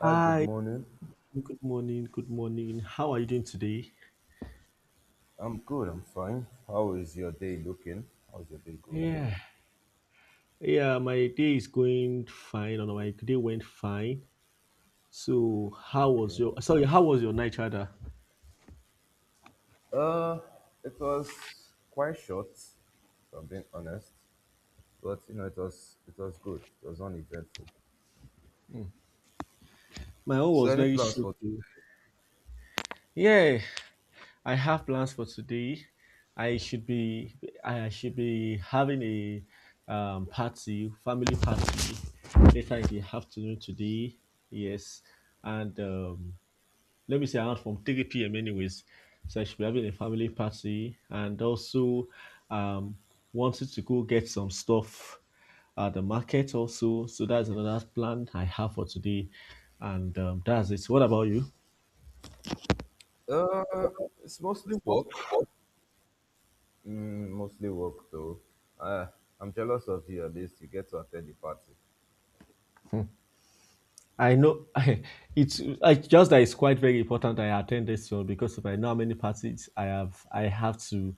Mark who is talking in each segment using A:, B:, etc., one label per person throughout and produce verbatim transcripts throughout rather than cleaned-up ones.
A: Hi, good
B: Hi.
A: morning.
B: Good morning. Good morning. How are you doing today?
A: I'm good, I'm fine. How is your day looking? How's your day going?
B: Yeah. Yeah, my day is going fine. Or my day went fine. So, how was
A: Okay.
B: your? Sorry, how was your night, rather?
A: Uh, it was quite short, if I'm being honest, but you know, it was it was good. It was uneventful.
B: My own
A: So,
B: was
A: any
B: very
A: plans
B: short
A: for?
B: too. Yeah, I have plans for today. I should be. I should be having a um, party, family party later in the afternoon today. Yes, and um, let me say around from three p m anyways. So I should be having a family party and also um wanted to go get some stuff at the market also. So that's another plan I have for today. And um, that's it. What about you?
A: Uh, it's mostly work. Mm, mostly work, though. Uh, I'm jealous of you. At least you get to attend the party.
B: I know it's I just that it's quite very important I attend this one because if I know how many parties I have, I have to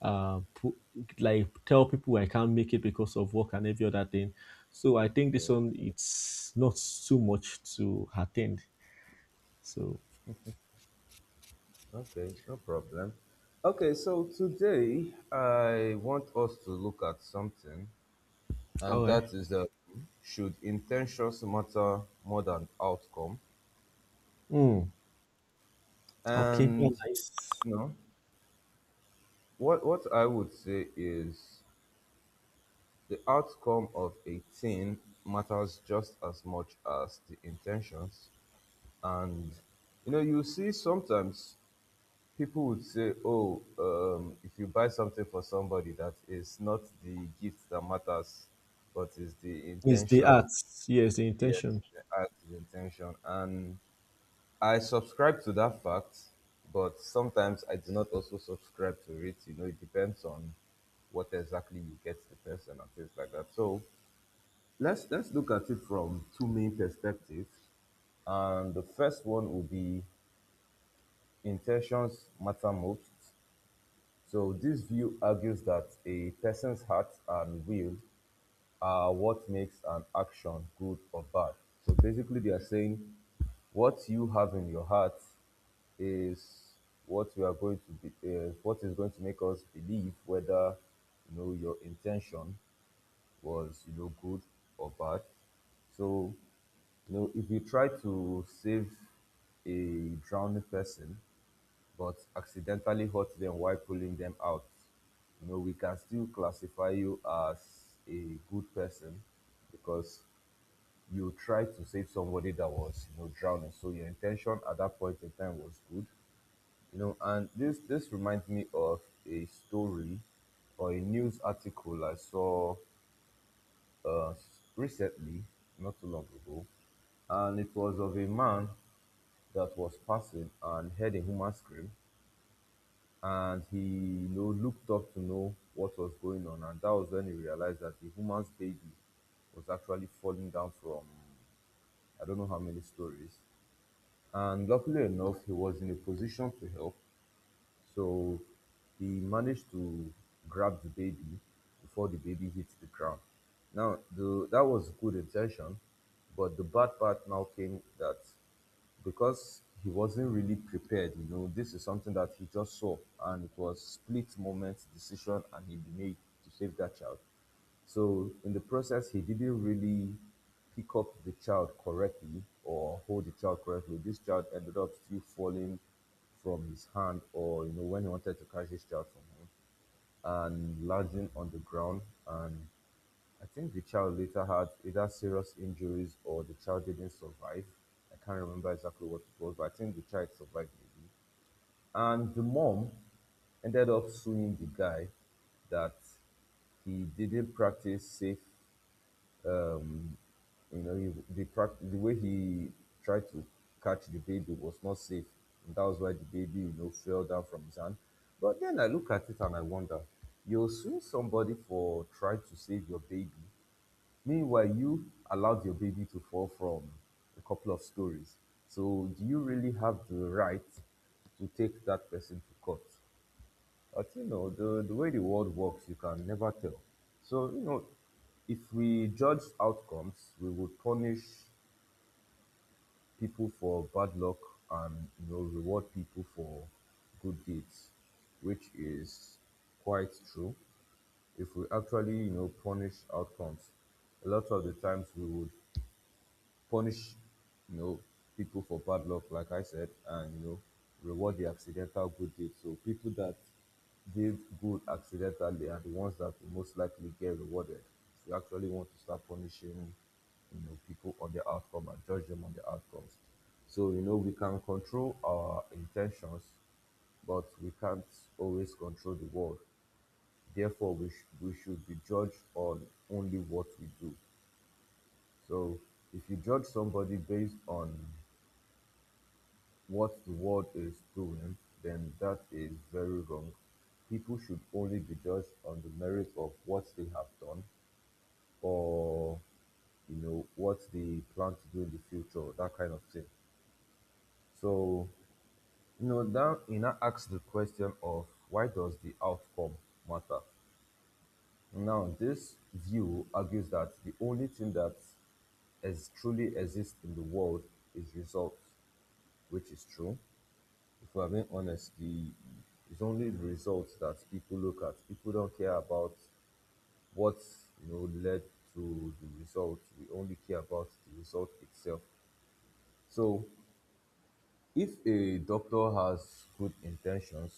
B: uh put, like tell people I can't make it because of work and every other thing. So I think this
A: Yeah.
B: one it's not too much to attend. So
A: Okay, no problem. Okay, so today I want us to look at something and
B: all right.
A: that is that should intentions matter more than outcome?
B: Mm, okay. Yeah,
A: And
B: nice.
A: you know, what what I would say is the outcome of a thing matters just as much as the intentions. And you know, you see sometimes people would say, "Oh, um, if you buy something for somebody, that is not the gift that matters, but is the
B: It's the
A: intention."
B: arts. Yes, the
A: Yes, it's
B: intention.
A: the act, the intention, and I subscribe to that fact, but sometimes I do not also subscribe to it. You know, it depends on what exactly you get the person and things like that. So let's let's look at it from two main perspectives. And the first one will be intentions matter most. So this view argues that a person's heart and will are what makes an action good or bad. So basically, they are saying what you have in your heart is what we are going to be, uh, what is going to make us believe whether you know your intention was you know good or bad. So you know if you try to save a drowning person but accidentally hurt them while pulling them out, you know, we can still classify you as a good person because you tried to save somebody that was, you know, drowning. So your intention at that point in time was good, you know. And this this reminds me of a story or a news article I saw uh, recently, not too long ago, and it was of a man that was passing and heard a human scream and he you know looked up to know what was going on and that was when he realized that the woman's baby was actually falling down from I don't know how many stories and luckily enough he was in a position to help so he managed to grab the baby before the baby hits the ground. Now, the, that was good intention, but the bad part now came that because he wasn't really prepared, you know, this is something that he just saw and it was split moment decision and he made to save that child. So in the process, he didn't really pick up the child correctly or hold the child correctly. This child ended up still falling from his hand, or you know, when he wanted to catch his child from him, and landing on the ground. And I think the child later had either serious injuries or the child didn't survive. I can't remember exactly what it was, but I think the child survived maybe. And the mom ended up suing the guy that he didn't practice safe. Um, you know, he, the, prac- the way he tried to catch the baby was not safe. And that was why the baby, you know, fell down from his hand. But then I look at it and I wonder, you're suing somebody for trying to save your baby. Meanwhile, you allowed your baby to fall from a couple of stories. So, do you really have the right to take that person to court? But you know, the, the way the world works, you can never tell. So, you know, if we judge outcomes, we would punish people for bad luck and, you know, reward people for good deeds, which is quite true. If we actually, you know, punish outcomes, a lot of the times we would punish you know people for bad luck like I said and you know reward the accidental good deed so people that give good accidentally are the ones that will most likely get rewarded if you actually want to start punishing you know people on their outcome and judge them on their outcomes. So you know we can control our intentions but we can't always control the world, therefore we, sh- we should be judged on only what we do. So if you judge somebody based on what the world is doing, then that is very wrong. People should only be judged on the merit of what they have done or you know what they plan to do in the future, that kind of thing. So you know that you now asks the question of why does the outcome matter? Now this view argues that the only thing that as truly exists in the world is results, which is true. If we're being honest, the it's only the results that people look at. People don't care about what you know led to the result. We only care about the result itself. So if a doctor has good intentions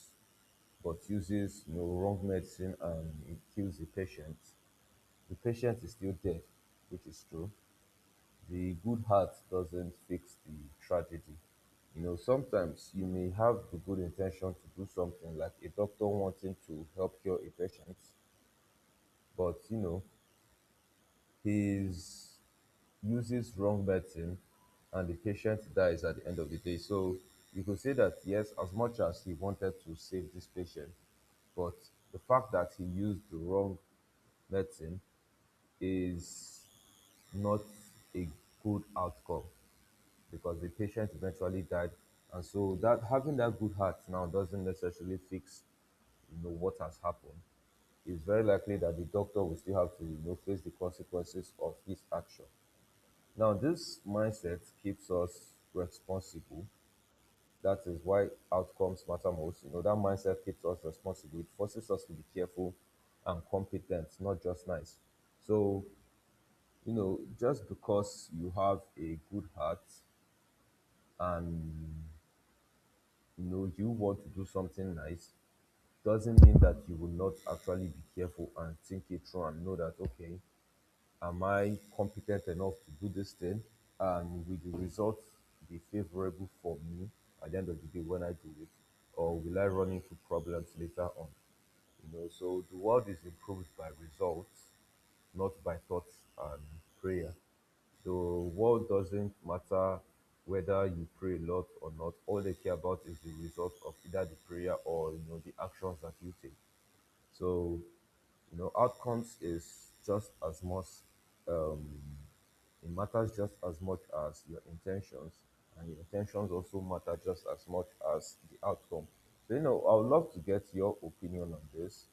A: but uses you know, wrong medicine and it kills the patient, the patient is still dead, which is true. The good heart doesn't fix the tragedy. You know, sometimes you may have the good intention to do something, like a doctor wanting to help cure a patient, but you know, he's uses wrong medicine and the patient dies at the end of the day. So you could say that yes, as much as he wanted to save this patient, but the fact that he used the wrong medicine is not a good outcome because the patient eventually died. And so that having that good heart now doesn't necessarily fix you know what has happened. It's very likely that the doctor will still have to you know face the consequences of his action. Now this mindset keeps us responsible. That is why outcomes matter most. You know that mindset keeps us responsible. It forces us to be careful and competent, not just nice. So you know just because you have a good heart, you know you want to do something nice, doesn't mean that you will not actually be careful and think it through and know that okay am I competent enough to do this thing and will the results be favorable for me at the end of the day when I do it or will I run into problems later on. You know, so the world is improved by results, not by thoughts and prayer. So world doesn't matter whether you pray a lot or not. All they care about is the result of either the prayer or you know the actions that you take. So you know outcomes is just as much um, it matters just as much as your intentions, and your intentions also matter just as much as the outcome. So, you know, I would love to get your opinion on this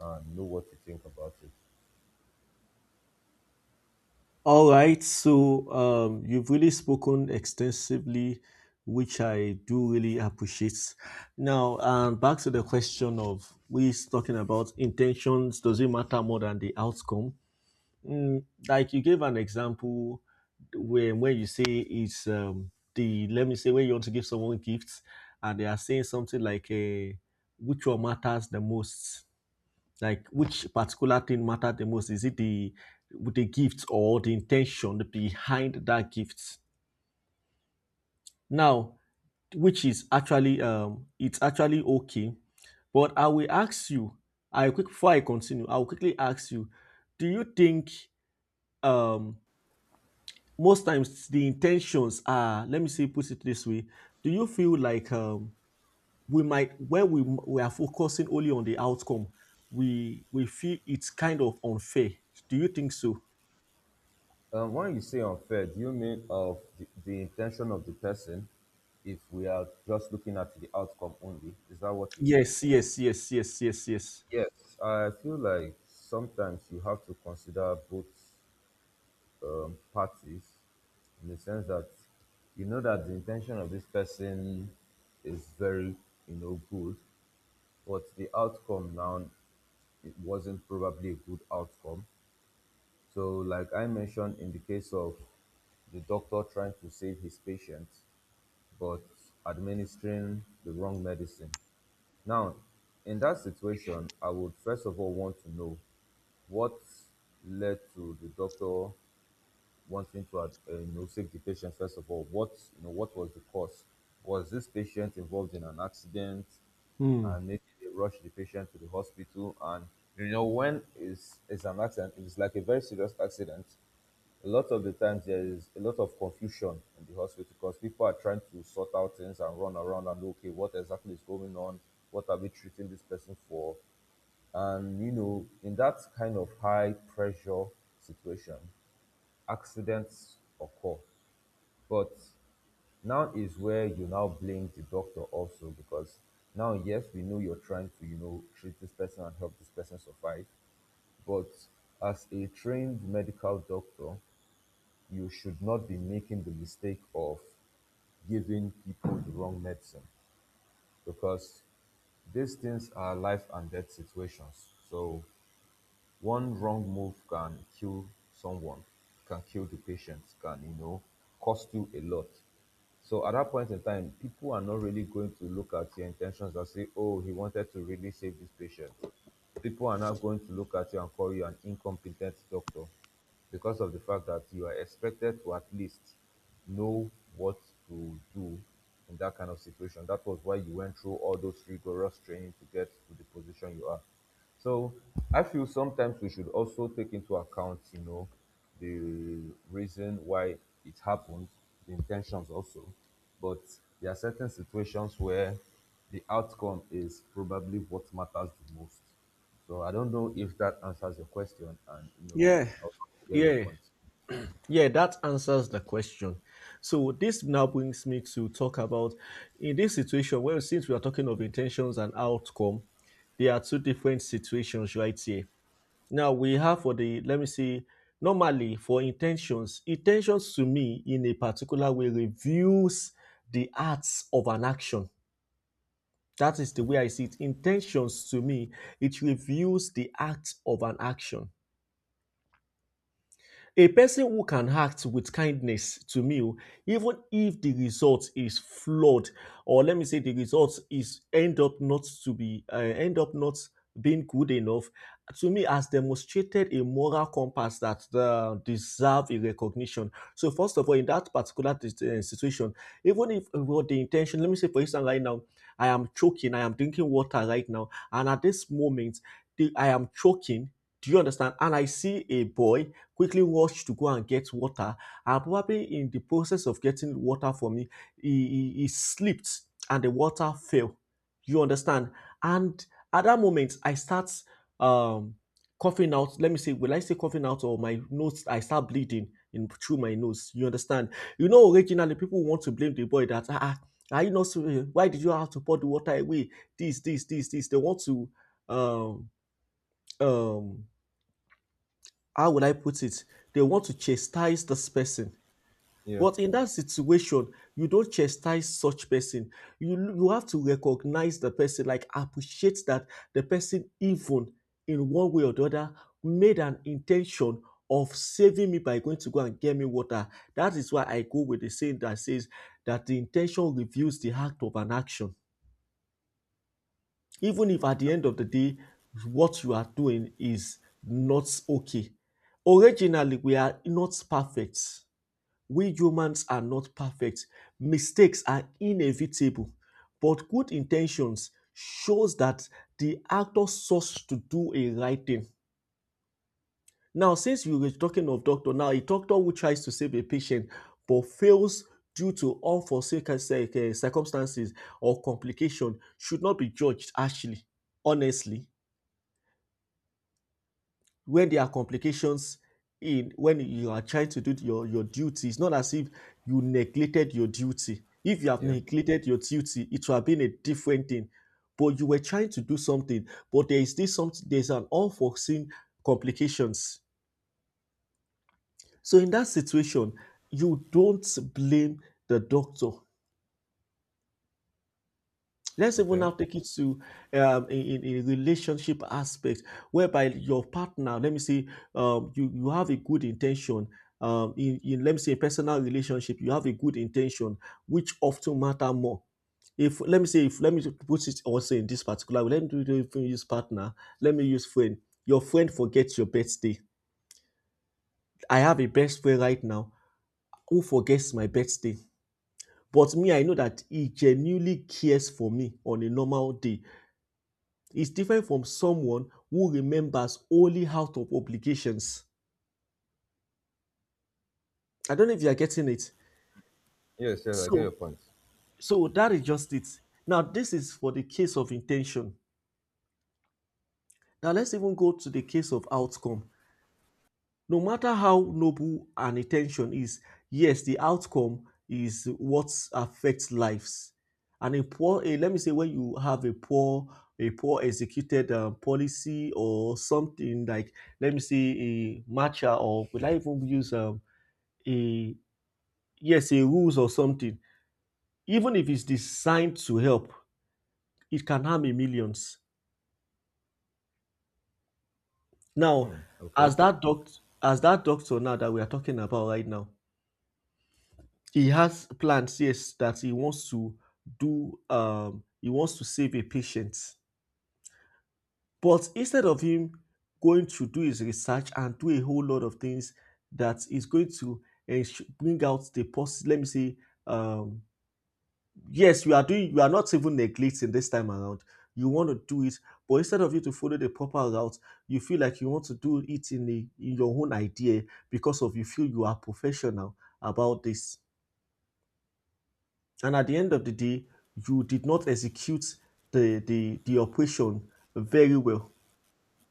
A: and know what you think about it.
B: All right, so um, you've really spoken extensively, which I do really appreciate. Now, um, back to the question of we talking about intentions. Does it matter more than the outcome? Mm, like you gave an example where when you say it's um, the let me say when you want to give someone gifts and they are saying something like a which one matters the most, like which particular thing matter the most? Is it the the gift or the intention behind that gift? Now, which is actually um it's actually okay. But I will ask you, I quick before I continue, I will quickly ask you, do you think um most times the intentions are, let me see, put it this way, do you feel like um we might, when we we are focusing only on the outcome, we we feel it's kind of unfair. Do you think so?
A: Um, when you say unfair, do you mean of the, the intention of the person if we are just looking at the outcome only? Is that what you mean?
B: Yes, yes, yes, yes, yes, yes.
A: Yes, I feel like sometimes you have to consider both um, parties in the sense that you know that the intention of this person is very you know good but the outcome now it wasn't probably a good outcome. So like I mentioned in the case of the doctor trying to save his patient but administering the wrong medicine, now in that situation I would first of all want to know what led to the doctor wanting to uh, you know save the patient. First of all what you know what was the cause, was this patient involved in an accident
B: Hmm.
A: and maybe they rushed the patient to the hospital and you know when is is an accident, if it's like a very serious accident, a lot of the times there is a lot of confusion in the hospital because people are trying to sort out things and run around and okay what exactly is going on, what are we treating this person for, and you know in that kind of high pressure situation accidents occur. But now is where you now blame the doctor also because now, yes, we know you're trying to, you know, treat this person and help this person survive. But as a trained medical doctor, you should not be making the mistake of giving people the wrong medicine because these things are life and death situations. So one wrong move can kill someone, can kill the patient, can, you know, cost you a lot. So at that point in time, people are not really going to look at your intentions and say, oh, he wanted to really save this patient. People are now going to look at you and call you an incompetent doctor because of the fact that you are expected to at least know what to do in that kind of situation. That was why you went through all those rigorous training to get to the position you are. So I feel sometimes we should also take into account, you know, the reason why it happened, the intentions also. But there are certain situations where the outcome is probably what matters the most. So I don't know if that answers your question and you know
B: Yeah,
A: I'll hear your
B: yeah,
A: point.
B: yeah. That answers the question. So this now brings me to talk about in this situation. Well, since we are talking of intentions and outcome, there are two different situations right here. Now we have for the let me see. Normally, for intentions, intentions to me in a particular way reveals the acts of an action. That is the
A: Okay.
B: way I see it. Intentions to me, it reveals the act of an action. A person who can act with kindness to me, oh, even if the result is flawed, or let me say the result is end up not to be uh, end up not being good enough, to me has demonstrated a moral compass that uh, deserve a recognition. So first of all, in that particular dis- eh, situation, even if with the intention, let me say, for instance, right now I am choking, I am drinking water right now, and at this moment the, I am choking. Do you understand? And I see a boy quickly rushed to go and get water. And probably in the process of getting water for me, he, he, he slipped and the water fell. You understand? And at that moment, I start um, coughing out. Let me say, will I say coughing out or my nose? I start bleeding in through my nose. You understand? You know, originally people want to blame the boy that ah, ah, are you not? Why did you have to pour the water away? This, this, this, this. They want to um um how will I put it? They want to chastise this person.
A: Yeah.
B: But in that situation, you don't chastise such person. You you have to recognize the person, like appreciate that the person, even in one way or the other, made an intention of saving me by going to go and get me water. That is why I go with the saying that says that the intention reveals the act of an action, even if at the end of the day what you are doing is not okay. Originally, we are not perfect. We humans are not perfect. Mistakes are inevitable, but good intentions shows that the actor sought to do a right thing. Now, since we were talking of doctor, now a doctor who tries to save a patient but fails due to unforeseen circumstances or complication should not be judged harshly. Honestly, when there are complications in when you are trying to do your your duty, it's not as if you neglected your duty. If you have
A: Yeah.
B: neglected your duty, it would have been a different thing, but you were trying to do something, but there is this something, there's an unforeseen complications. So in that situation, you don't blame the doctor. Let's even
A: Okay.
B: now take it to um, in, in in relationship aspect, whereby your partner, let me say, um, you you have a good intention. Um, in, in let me say, a personal relationship, you have a good intention, which often matter more. If let me say, if let me put it also in this particular way, let me do do- even use partner. Let me use friend. Your friend forgets your birthday. I have a best friend right now who forgets my birthday. But me, I know that he genuinely cares for me on a normal day. Is different from someone who remembers only out of obligations. I don't know if you are getting it.
A: Yes, yes, I get your
B: So,
A: point.
B: so that is just it. Now, this is for the case of intention. Now, let's even go to the case of outcome. No matter how noble an intention is, yes, the outcome is what affects lives. And a poor, a, let me say, when you have a poor, a poor executed uh, policy or something like, let me say, a matcha or will I even use a. A yes a rules or something, even if it's designed to help, it can harm in millions. Now,
A: Okay.
B: as that doctor, as that doctor now that we are talking about right now, he has plans, yes, that he wants to do. um he wants to save a patient, but instead of him going to do his research and do a whole lot of things that is going to ens- bring out the pos, let me say, um yes you are doing, you are not even neglecting this time around, you want to do it, but instead of you to follow the proper route, you feel like you want to do it in, the, in your own idea because of you feel you are professional about this, and at the end of the day you did not execute the the, the operation very well.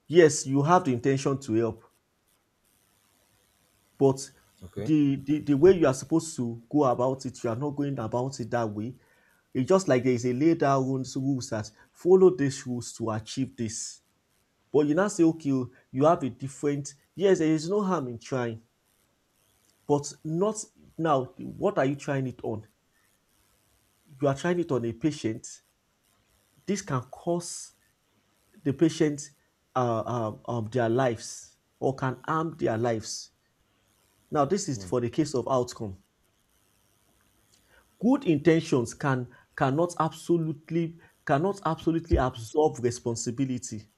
B: Yes, you have the intention to help. But
A: Okay.
B: the, the the way you are supposed to go about it, you are not going about it that way. It's just like there is a laid down rules, rules that follow these rules to achieve this. But you now say, okay, oh, you have a different. Yes, there is no harm in trying, but not now. What are you trying it on? You are trying it on a patient. This can cost the patient uh, um, um, their lives or can harm their lives. Now, this is
A: Mm,
B: for the case of outcome. Good intentions can cannot absolutely, cannot absolutely absolve responsibility.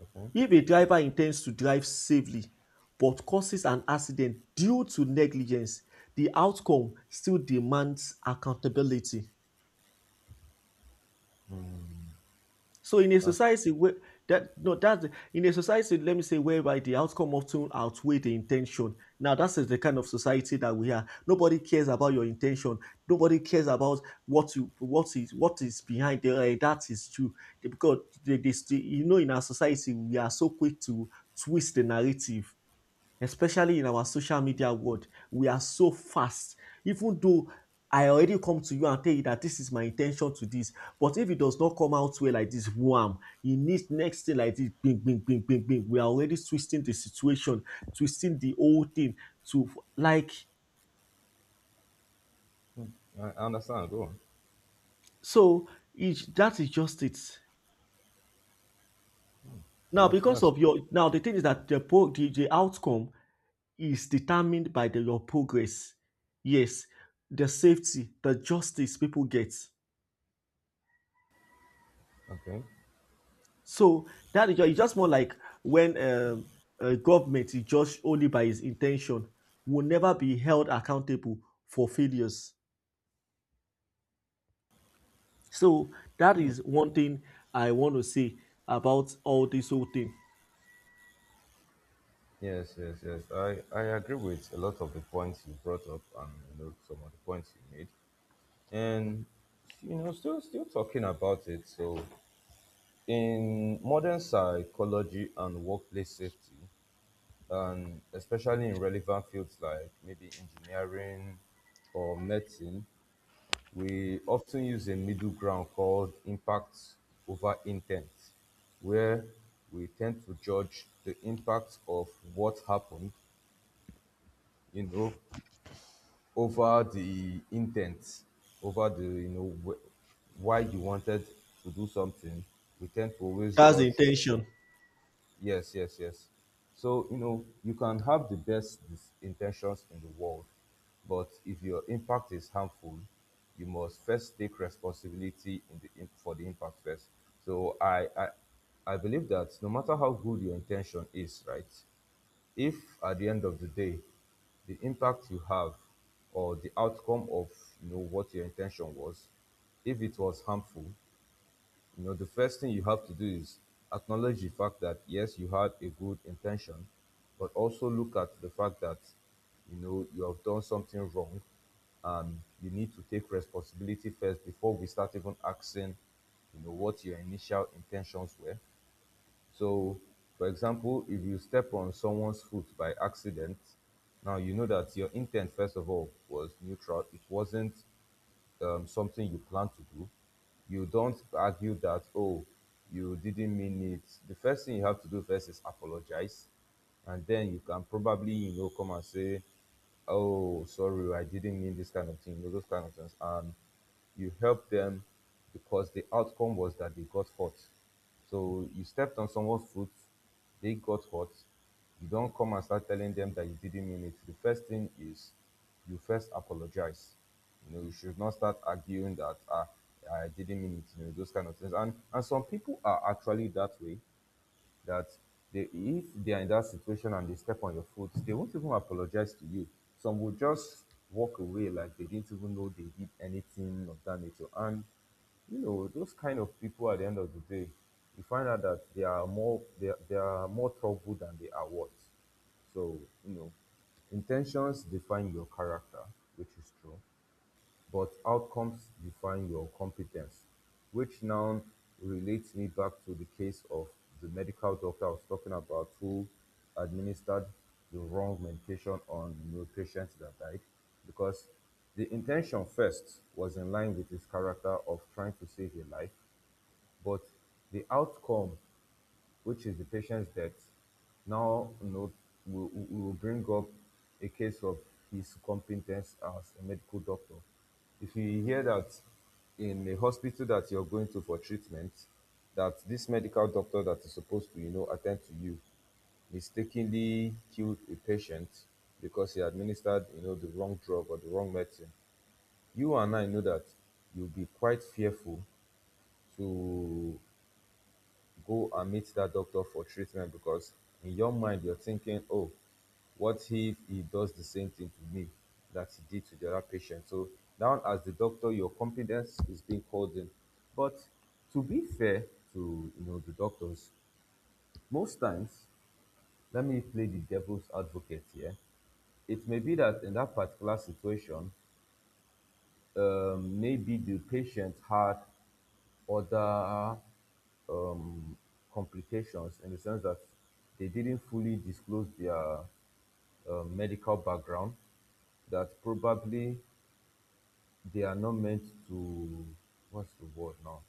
A: okay.
B: If a driver intends to drive safely but causes an accident due to negligence, the outcome still demands accountability. So in a
A: That's
B: society where that no that, in a society, let me say, whereby the outcome often outweigh the intention. Now that is the kind of society that we are. Nobody cares about your intention. Nobody cares about what you, what is, what is behind the, eh, that is true. Because they, they, they, you know, in our society we are so quick to twist the narrative, especially in our social media world, we are so fast. Even though I already come to you and tell you that this is my intention to this, but if it does not come out well like this, wham, it needs next thing like this, bing, bing, bing, bing, bing. We are already twisting the situation, twisting the whole thing to like
A: I I understand. Go on.
B: so. It, that is just it. Now,
A: That's
B: because
A: that's
B: of your now, the thing is that the pro, the, the outcome is determined by the, your progress. Yes, the safety, the justice people get.
A: okay.
B: So that is just, it's just more like when um, a government is judged only by its intention, will never be held accountable for failures. So that is one thing I want to say about all this whole thing.
A: Yes, yes, yes. I, I agree with a lot of the points you brought up and you know some of the points you made. And you know, still still talking about it. So in modern psychology and workplace safety, and especially in relevant fields like maybe engineering or medicine, we often use a middle ground called impact over intent, where we tend to judge the impact of what happened, you know, over the intent, over the you know wh- why you wanted to do something, we tend to always
B: That's the
A: judge.
B: intention.
A: Yes, yes, yes. So you know you can have the best dis- intentions in the world, but if your impact is harmful, you must first take responsibility in the im- for the impact first. So I I, I believe that no matter how good your intention is, right? If at the end of the day the impact you have or the outcome of you know what your intention was, if it was harmful, you know the first thing you have to do is acknowledge the fact that yes, you had a good intention but also look at the fact that you know you have done something wrong and you need to take responsibility first before we start even asking you know what your initial intentions were. So, for example, if you step on someone's foot by accident, now you know that your intent, first of all, was neutral. It wasn't um, something you plan to do, you don't argue that, oh, you didn't mean it. The first thing you have to do first is apologize. And then you can probably, you know, come and say, oh, sorry, I didn't mean this kind of thing, you know, those kind of things. And you help them because the outcome was that they got hurt. So you stepped on someone's foot, they got hot. You don't come and start telling them that you didn't mean it. The first thing is you first apologize. You know, you should not start arguing that ah, I didn't mean it, you know, those kind of things. And and some people are actually that way that they, if they are in that situation and they step on your foot, they won't even apologize to you. Some will just walk away like they didn't even know they did anything of that nature. And you know, those kind of people at the end of the day, you find out that they are more they, they are more trouble than they are worth. So, you know, intentions define your character, which is true. But outcomes define your competence, which now relates me back to the case of the medical doctor I was talking about who administered the wrong medication on the patients that died because the intention first was in line with his character of trying to save a life, but the outcome, which is the patient's death, now note we we- we will bring up a case of his competence as a medical doctor. If you hear that in a hospital that you're going to for treatment, that this medical doctor that is supposed to, you know, attend to you mistakenly killed a patient because he administered you know the wrong drug or the wrong medicine, you and I know that you'll be quite fearful to go and meet that doctor for treatment because in your mind you're thinking, oh, what if he does the same thing to me that he did to the other patient? So now as the doctor, your confidence is being called in. But to be fair to you know the doctors, most times, let me play the devil's advocate here. It may be that in that particular situation, um, maybe the patient had other um, complications in the sense that they didn't fully disclose their uh, medical background, that probably they are not meant to, what's the word now,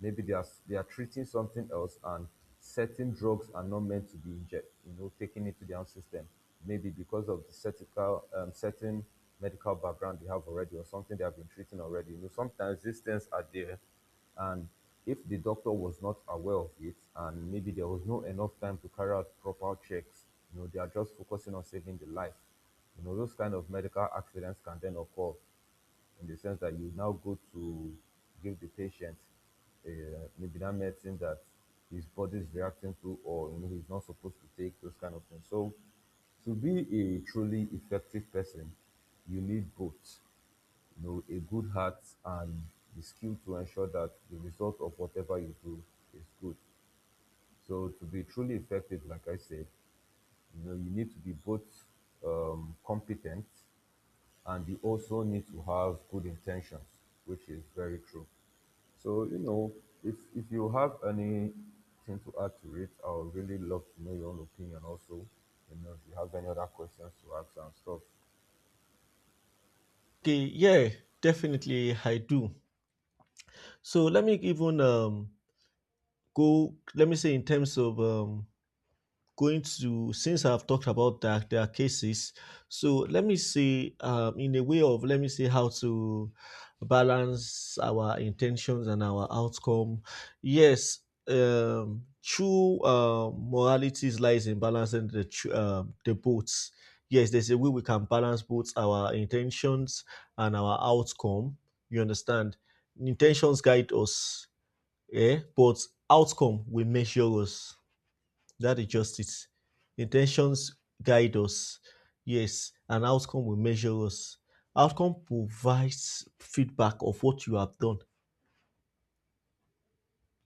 A: maybe they are they are treating something else and certain drugs are not meant to be injected, you know taken into their own system, maybe because of the certical um, certain medical background they have already or something they have been treating already. you know sometimes these things are there, and if the doctor was not aware of it and maybe there was no enough time to carry out proper checks, you know they are just focusing on saving the life, you know those kind of medical accidents can then occur in the sense that you now go to give the patient uh, maybe that medicine that his body is reacting to, or you know he's not supposed to take those kind of things. So to be a truly effective person, you need both, you know a good heart and the skill to ensure that the result of whatever you do is good. So to be truly effective, like I said, you know you need to be both um, competent and you also need to have good intentions, which is very true. So you know, if if you have anything to add to it, I would really love to know your own opinion. Also, you know, if you have any other questions to ask and stuff,
B: Okay, yeah, definitely I do. So let me even um, go. Let me say in terms of um, going to since I've talked about that there are cases. So let me see, um, in a way of let me see how to balance our intentions and our outcome. Yes, um, true uh, morality lies in balancing the tr- um the boats. Yes, there's a way we can balance both our intentions and our outcome. You understand? Intentions guide us, eh? But outcome will measure us. That is justice. Intentions guide us, yes, and outcome will measure us. Outcome provides feedback of what you have done.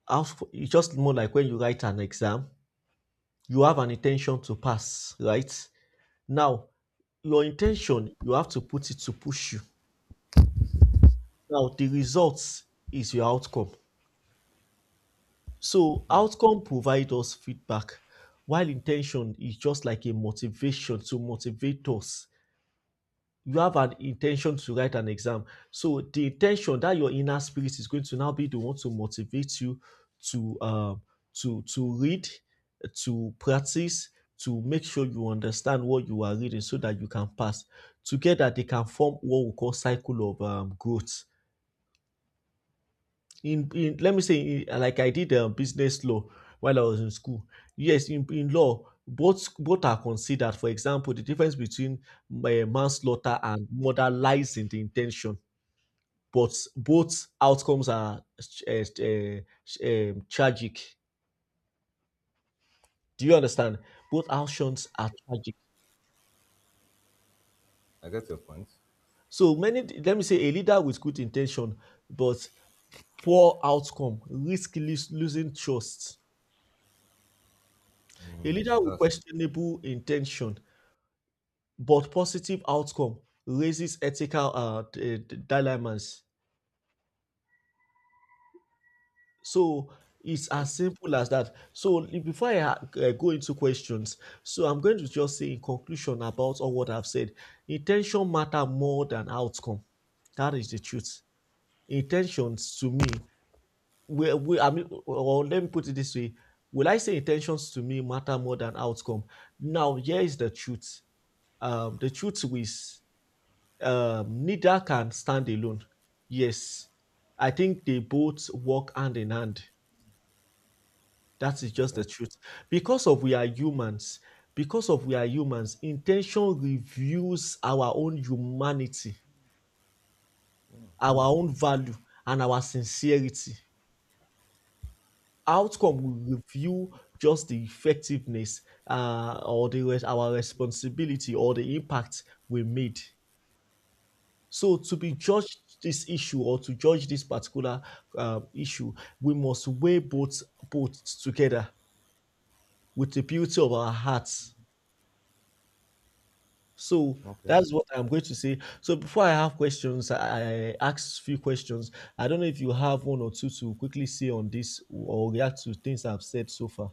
B: Outf- It's just more like when you write an exam, you have an intention to pass, right? Now, your intention, you have to put it to push you. Now, the results is your outcome. So, outcome provides us feedback, while intention is just like a motivation to motivate us. You have an intention to write an exam. So the intention that your inner spirit is going to now be the one to motivate you to um, to to read, to practice, to make sure you understand what you are reading so that you can pass. Together they can form what we call cycle of um, growth in in let me say in, like I did um, business law while I was in school. Yes, in, in law, both both are considered. For example, the difference between uh, manslaughter and murder lies in the intention, but both outcomes are uh, uh, um, tragic. Do you understand? Both actions are tragic.
A: I get your point.
B: So many, let me say, a leader with good intention but poor outcome risk lose, losing trust. A
A: Mm,
B: leader with
A: that's
B: questionable intention but positive outcome raises ethical uh, d- d- dilemmas. So it's
A: okay.
B: as simple as that. So li- before I ha- uh, go into questions, so I'm going to just say in conclusion about all what I've said, intention matter more than outcome. That is the truth. Intentions to me, we, we, I mean, or let me put it this way: will I say intentions to me matter more than outcome? Now, here is the truth. Um, the truth is um, neither can stand alone. Yes, I think they both work hand in hand. That is just the
A: Okay.
B: truth. Because of we are humans, because of we are humans, intention reveals our own humanity, our own value, and our sincerity. Outcome will review just the effectiveness uh, or the res- our responsibility or the impact we made. So to be judged this issue or to judge this particular um, issue, we must weigh both both together with the beauty of our hearts. So
A: Okay.
B: that's what I'm going to say. So before I have questions, I, I ask few questions. I don't know if you have one or two to quickly say on this or react to things I've said so far.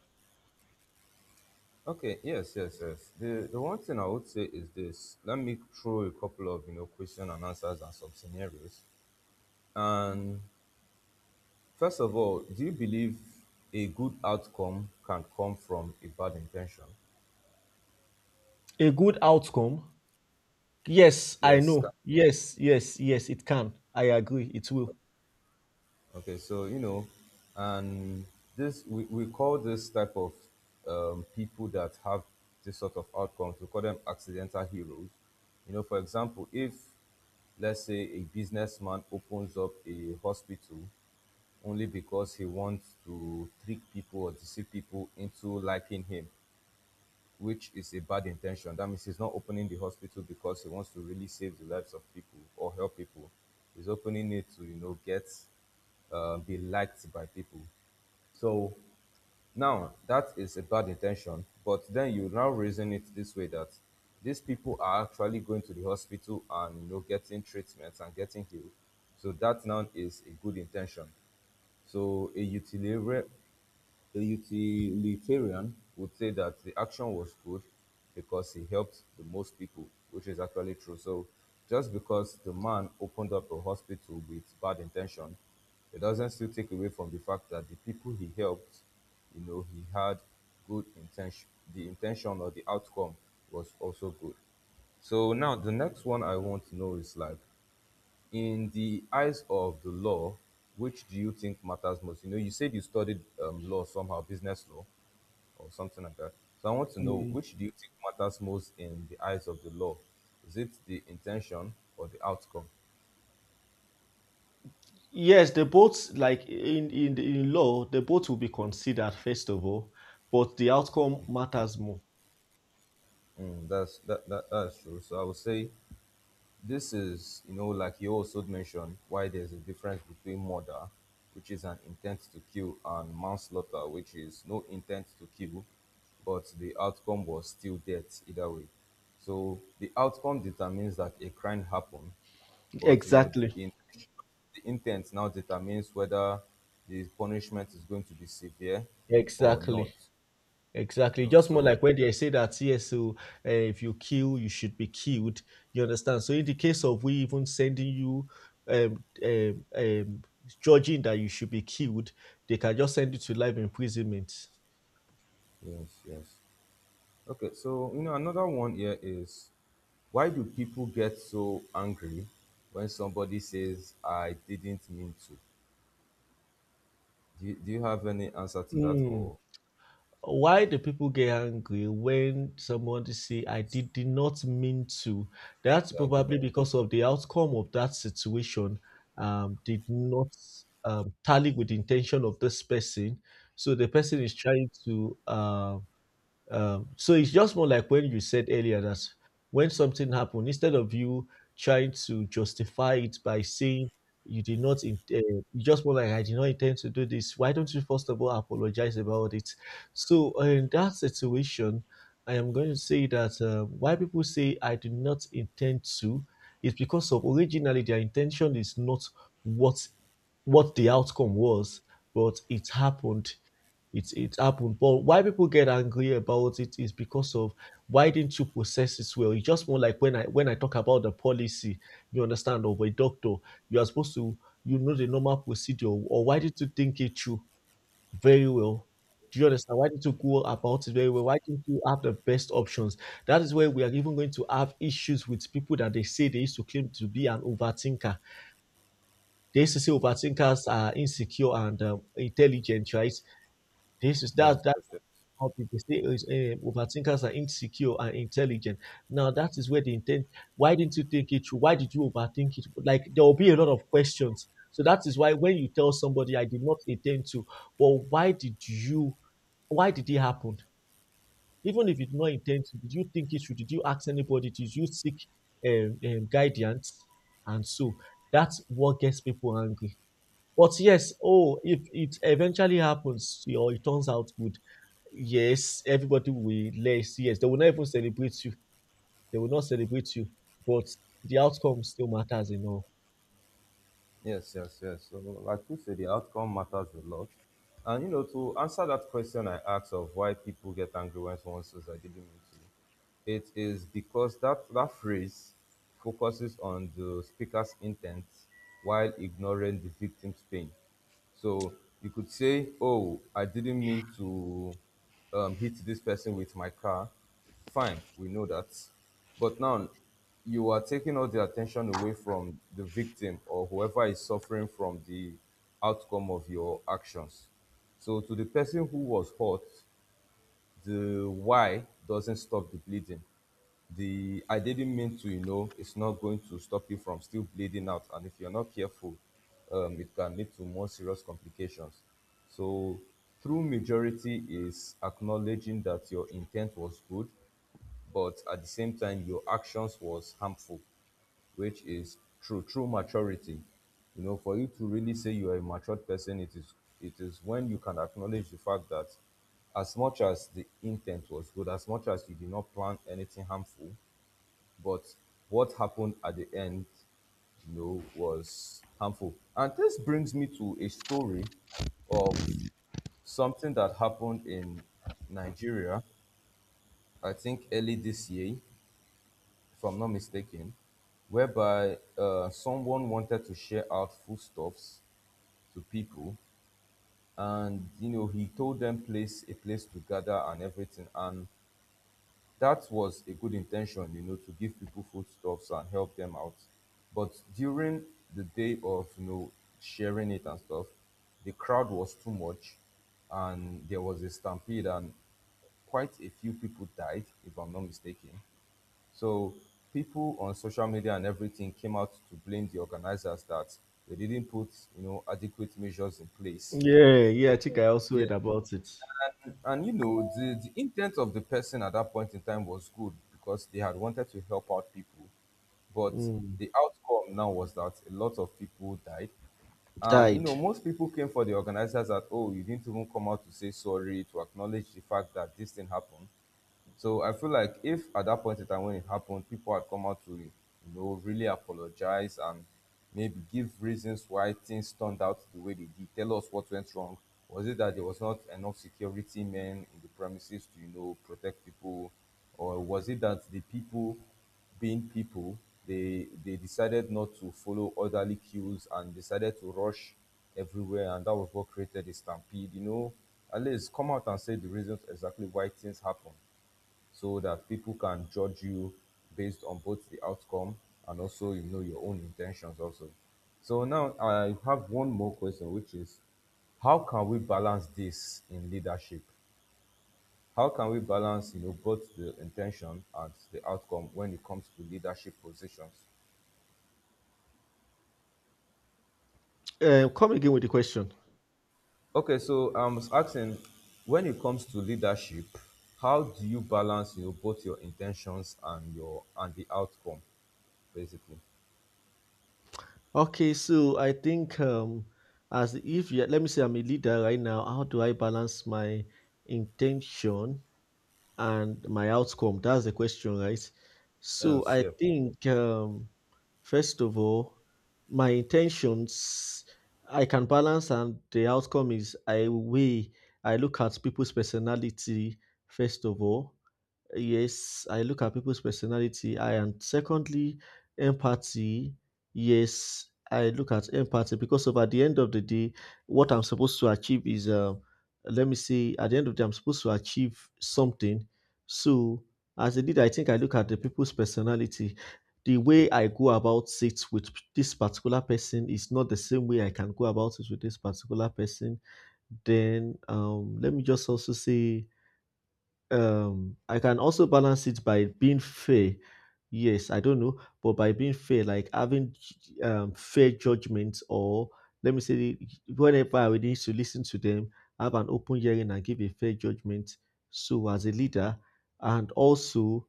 A: Okay. Yes. Yes. Yes. The the one thing I would say is this. Let me throw a couple of you know question and answers and some scenarios, and first of all, do you believe a good outcome can come from a bad intention?
B: A good outcome? Yes, I
A: Yes. ca-
B: know. Yes, yes, yes, it can. I agree. It will.
A: Okay, so you know, and this, we, we call this type of um, people that have this sort of outcomes, we call them accidental heroes. You know, for example, if let's say a businessman opens up a hospital only because he wants to trick people or deceive people into liking him, which is a bad intention. That means he's not opening the hospital because he wants to really save the lives of people or help people. He's opening it to, you know, get uh, be liked by people. So now that is a bad intention, but then you now reason it this way that these people are actually going to the hospital and you know getting treatments and getting healed. So that now is a good intention. So a utilitarian, the utilitarian would say that the action was good because he helped the most people, which is actually true. So just because the man opened up a hospital with bad intention, it doesn't still take away from the fact that the people he helped, you know, he had good intention. The intention or the outcome was also good. So now the next one I want to know is like, in the eyes of the law, which do you think matters most? You know, you said you studied um, law somehow, business law or something like that. So I want to know which do you think matters most in the eyes of the law? Is it the intention or the outcome?
B: Yes, the both like in in the- in law, the both will be considered first of all, but the outcome matters more.
A: Mm, that's that, that that's true. So I would say, this is, you know, like you also mentioned, why there's a difference between murder, which is an intent to kill, and manslaughter, which is no intent to kill, but the outcome was still death either way. So the outcome determines that a crime happened, but you know,
B: Exactly,
A: the, in, the intent now determines whether the punishment is going to be severe or not.
B: exactly,
A: You
B: exactly.
A: know,
B: Just more
A: so
B: like when they say that, yes, so uh, if you kill, you should be killed. You understand? So in the case of we even sending you, um, um, um judging that you should be killed, they can just send you to life imprisonment.
A: yes, yes. Okay, so you know another one here is, why do people get so angry when somebody says I didn't mean to? Do you, do you have any answer to that or
B: Why do people get angry when somebody say I did, did not mean to? That's
A: yeah, I did not.
B: probably because of the outcome of that situation um, did not um, tally with the intention of this person. So the person is trying to um, um, so it's just more like when you said earlier that when something happened, instead of you trying to justify it by saying you did not, in, uh, you just more like I did not intend to do this. Why don't you first of all apologize about it? So uh, in that situation, I am going to say that uh, why people say I did not intend to is because of originally their intention is not what what the outcome was, but it happened. It's it's happened. But why people get angry about it is because of why didn't you process it well? It's just more like when I when I talk about the policy, you understand, of a doctor, you are supposed to, you know the normal procedure, or why didn't you think it through very well? Do you understand? Why didn't you go about it very well? Why didn't you have the best options? That is where we are even going to have issues with people that they say they used to claim to be an overthinker. They used to say overthinkers are insecure and um, intelligent, right? This is that
A: Yes, yes,
B: about
A: yes.
B: it. They say is um, overthinkers are insecure and intelligent. Now that is where the intent. Why didn't you think it through? Why did you overthink it? Like there will be a lot of questions. So that is why when you tell somebody I did not intend to, but why did you? Why did it happen? Even if you did not intend to, did you think it through? Did you ask anybody? Did you seek um, um, guidance? And so that's what gets people angry. But yes, oh, if it eventually happens or it turns out good, yes, everybody will less. Yes, they will not even celebrate you. They will not celebrate you, but the outcome still matters in all.
A: Yes, yes, yes. So like you said, the outcome matters a lot. And you know, to answer that question I asked of why people get angry when someone says I didn't mean to, it is because that, that phrase focuses on the speaker's intent while ignoring the victim's pain. So you could say, "Oh, I didn't mean to um, hit this person with my car." Fine, we know that. But now you are taking all the attention away from the victim or whoever is suffering from the outcome of your actions. So to the person who was hurt, the why doesn't stop the bleeding. The I didn't mean to, you know, it's not going to stop you from still bleeding out. And if you're not careful, um, it can lead to more serious complications. So true majority is acknowledging that your intent was good, but at the same time your actions was harmful, which is true true maturity. You know, for you to really say you are a matured person, it is it is when you can acknowledge the fact that as much as the intent was good, as much as you did not plan anything harmful, but what happened at the end, you know, was harmful. And this brings me to a story of something that happened in Nigeria. I think early this year, if I'm not mistaken, whereby uh, someone wanted to share out foodstuffs to people, and you know he told them place a place to gather and everything, and that was a good intention, you know, to give people foodstuffs and help them out. But during the day of you know sharing it and stuff, the crowd was too much, and there was a stampede, and quite a few people died, if I'm not mistaken. So people on social media and everything came out to blame the organizers that they didn't put, you know, adequate measures in place.
B: Yeah, yeah, I think I also
A: Yeah,
B: heard about it.
A: and, and, you know, the, the intent of the person at that point in time was good because they had wanted to help out people, but
B: Mm.
A: the outcome now was that a lot of people died. And you
B: Died.
A: know, most people came for the organizers that, oh, you didn't even come out to say sorry, to acknowledge the fact that this thing happened. So I feel like if at that point in time when it happened, people had come out to, you know, really apologize and maybe give reasons why things turned out the way they did, tell us what went wrong. Was it that there was not enough security men in the premises to, you know, protect people? Or was it that the people being people, they they decided not to follow orderly cues and decided to rush everywhere, and that was what created the stampede. You know, at least come out and say the reasons exactly why things happen so that people can judge you based on both the outcome and also, you know, your own intentions also. So now I have one more question, which is, how can we balance this in leadership? How can we balance, you know, both the intention and the outcome when it comes to leadership positions?
B: Um, come again with the question.
A: Okay, so I'm asking, when it comes to leadership, how do you balance, you know, both your intentions and your and the outcome, basically?
B: Okay, so I think, um, as if you let me say I'm a leader right now, how do I balance my intention and my outcome? That's the question, right? So
A: Yes,
B: I
A: yeah.
B: think, um, first of all, my intentions I can balance, and the outcome is I weigh. I look at people's personality first of all. Yes, I look at people's personality. I and secondly, empathy. Yes, I look at empathy because of at the end of the day, what I'm supposed to achieve is, um, let me say, at the end of the day, I'm supposed to achieve something. So as I did, I think I look at the people's personality. The way I go about it with this particular person is not the same way I can go about it with this particular person. Then, um, let me just also say um I can also balance it by being fair. Yes, I don't know, but by being fair, like having, um, fair judgment, or let me say whenever I need to listen to them, have an open hearing and give a fair judgment, so as a leader. And also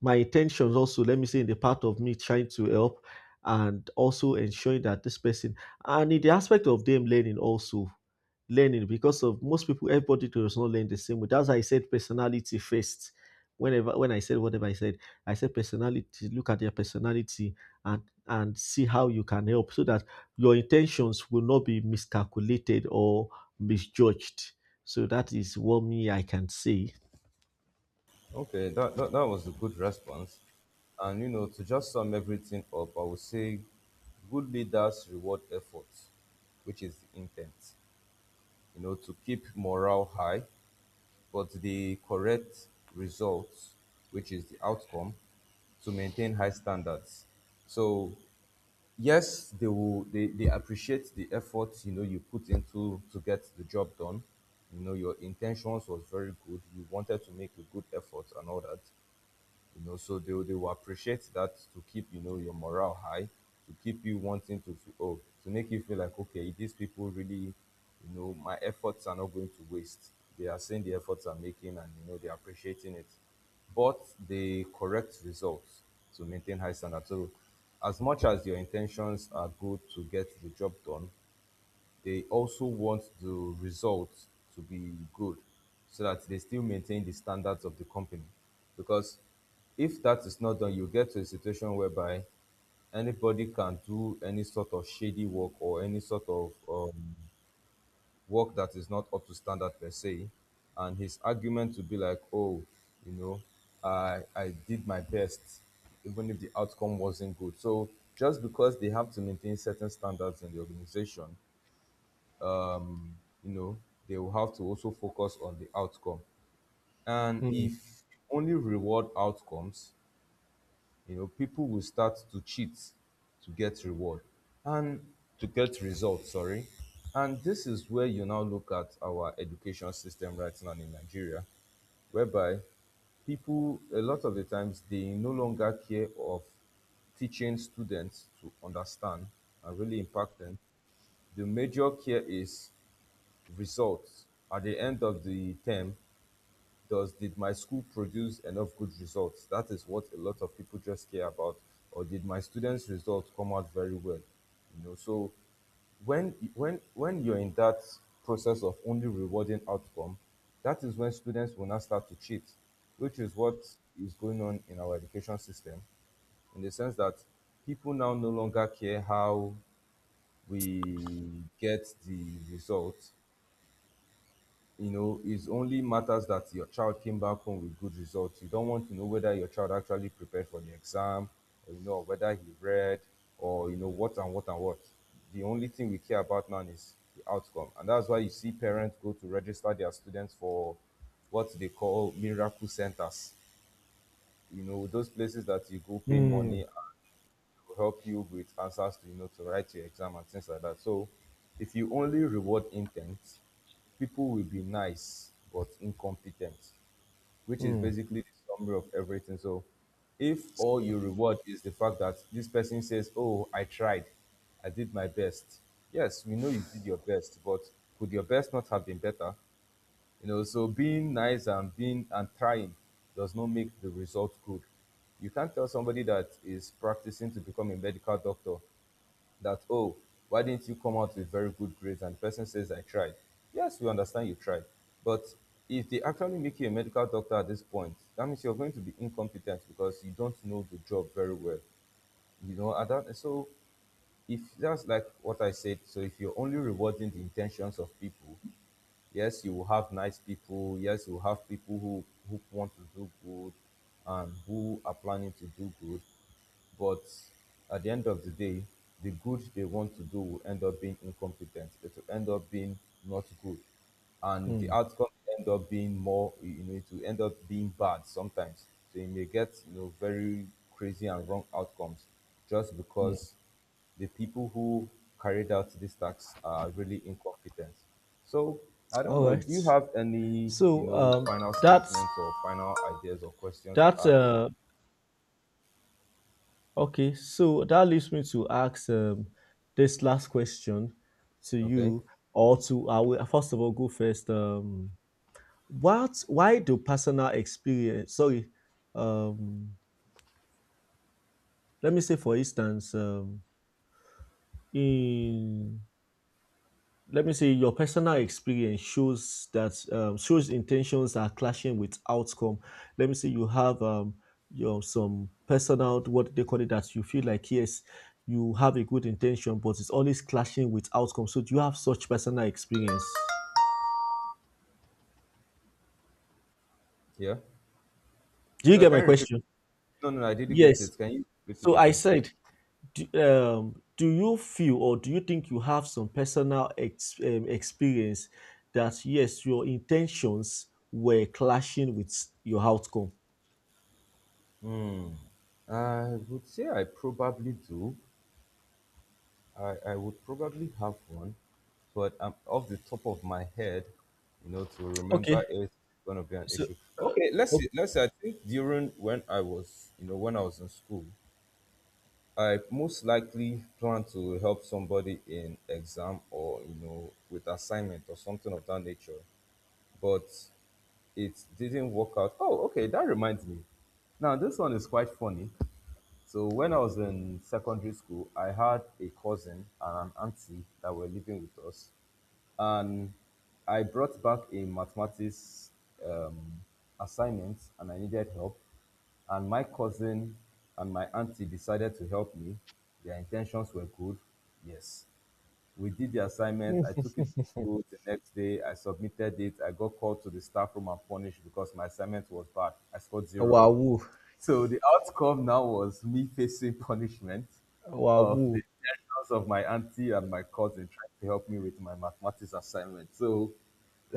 B: my intentions, also let me say in the part of me trying to help and also ensuring that this person, and in the aspect of them learning also, learning because of most people, everybody does not learn the same way. That's why I said personality first. Whenever when I said whatever I said, I said personality, look at their personality and and see how you can help so that your intentions will not be miscalculated or misjudged. So that is what me I can say.
A: Okay, that, that, that was a good response. And you know, to just sum everything up, I would say good leaders reward effort, which is the intent, you know, to keep morale high, but the correct results, which is the outcome, to maintain high standards. So yes, they will they, they appreciate the effort, you know, you put into to get the job done. You know, your intentions was very good. You wanted to make a good effort and all that, you know, so they, they will appreciate that, to keep, you know, your morale high, to keep you wanting to feel, oh, to make you feel like, okay, these people really, you know, my efforts are not going to waste. They are seeing the efforts I'm making, and you know, they're appreciating it. But the correct results to maintain high standards. So as much as your intentions are good to get the job done, they also want the results to be good so that they still maintain the standards of the company. Because if that is not done, you get to a situation whereby anybody can do any sort of shady work or any sort of um, work that is not up to standard per se. And his argument to be like, oh, you know, I, I did my best, even if the outcome wasn't good. So just because they have to maintain certain standards in the organization, um, you know, they will have to also focus on the outcome, and
B: Mm,
A: if only reward outcomes, you know, people will start to cheat to get reward, and to get results, sorry. And this is where you now look at our education system right now in Nigeria, whereby people, a lot of the times, they no longer care of teaching students to understand and really impact them. The major care is results at the end of the term. Does, did my school produce enough good results? That is what a lot of people just care about. Or did my students results come out very well? You know, so when when when you're in that process of only rewarding outcome, that is when students will now start to cheat, which is what is going on in our education system, in the sense that people now no longer care how we get the results. You know, it's only matters that your child came back home with good results. You don't want to know whether your child actually prepared for the exam, or, you know, whether he read, or you know what and what and what. The only thing we care about now is the outcome, and that's why you see parents go to register their students for what they call miracle centers. You know, those places that you go pay
B: mm,
A: money will help you with answers to, you know to write your exam and things like that. So if you only reward intent, people will be nice but incompetent, which is
B: mm,
A: basically the summary of everything. So if all you reward is the fact that this person says, oh, I tried, I did my best. Yes, we know you did your best, but could your best not have been better? You know, so being nice and being and trying does not make the result good. You can't tell somebody that is practicing to become a medical doctor that, oh, why didn't you come out with very good grades? And the person says, I tried. Yes, we understand you tried. But if they actually make you a medical doctor at this point, that means you're going to be incompetent because you don't know the job very well. You know, and that, so if that's like what I said, so if you're only rewarding the intentions of people, yes, you will have nice people. Yes, you will have people who, who want to do good and who are planning to do good. But at the end of the day, the good they want to do will end up being incompetent. It will end up being not good. And the
B: mm,
A: outcome end up being more, you know, it will end up being bad sometimes. So you may get, you know, very crazy and wrong outcomes just
B: mm.
A: because the people who carried out these tasks are really incompetent. So I don't
B: All
A: know. Do you
B: right.
A: have any, you
B: So,
A: know,
B: um,
A: final
B: that's
A: statements or final ideas or questions to
B: that.
A: ask?
B: Uh, okay. So that leaves me to ask, um, this last question to
A: Okay.
B: you, or to I will first of all go first. Um, what? Why do personal experience? Sorry. Um, let me say, for instance, um, in let me say your personal experience shows that, um, shows intentions are clashing with outcome. Let me say you have, um your some personal what they call it, that you feel like yes, you have a good intention but it's always clashing with outcome. So do you have such personal experience?
A: Yeah.
B: Do you
A: So I
B: get
A: can
B: my
A: you repeat.
B: question?
A: No, no, no, I didn't get
B: Yes,
A: it. Can you repeat
B: so
A: it
B: I
A: again?
B: said, do, um do you feel or do you think you have some personal ex- um, experience that yes your intentions were clashing with your outcome.
A: Hmm. I would say I probably do. I, I would probably have one, but um, off the top of my head, you know, to
B: Okay,
A: remember is going to be an
B: so
A: issue.
B: uh,
A: Okay, let's
B: okay.
A: see. Let's. Say, I think during when I was, you know, when I was in school, I most likely plan to help somebody in exam or, you know, with assignment or something of that nature, but it didn't work out. Oh, okay, that reminds me. Now this one is quite funny. So when I was in secondary school, I had a cousin and an auntie that were living with us, and I brought back a mathematics um, assignment and I needed help. And my cousin and my auntie decided to help me. Their intentions were good. Yes. We did the assignment. I took it to school the next day. I submitted it. I got called to the staff room and punished because my assignment was bad. I scored zero.
B: Wow, woo,
A: So the outcome now was me facing punishment
B: wow.
A: of the suggestions of my auntie and my cousin trying to help me with my mathematics assignment. So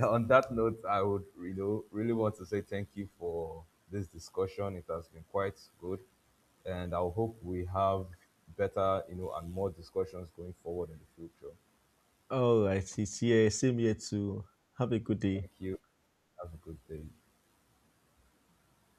A: on that note, I would, you know, really want to say thank you for this discussion. It has been quite good, and I hope we have better, you know, and more discussions going forward in the future.
B: All right, it's here. Same here too. Have a good
A: Thank
B: day.
A: you. Have a good day.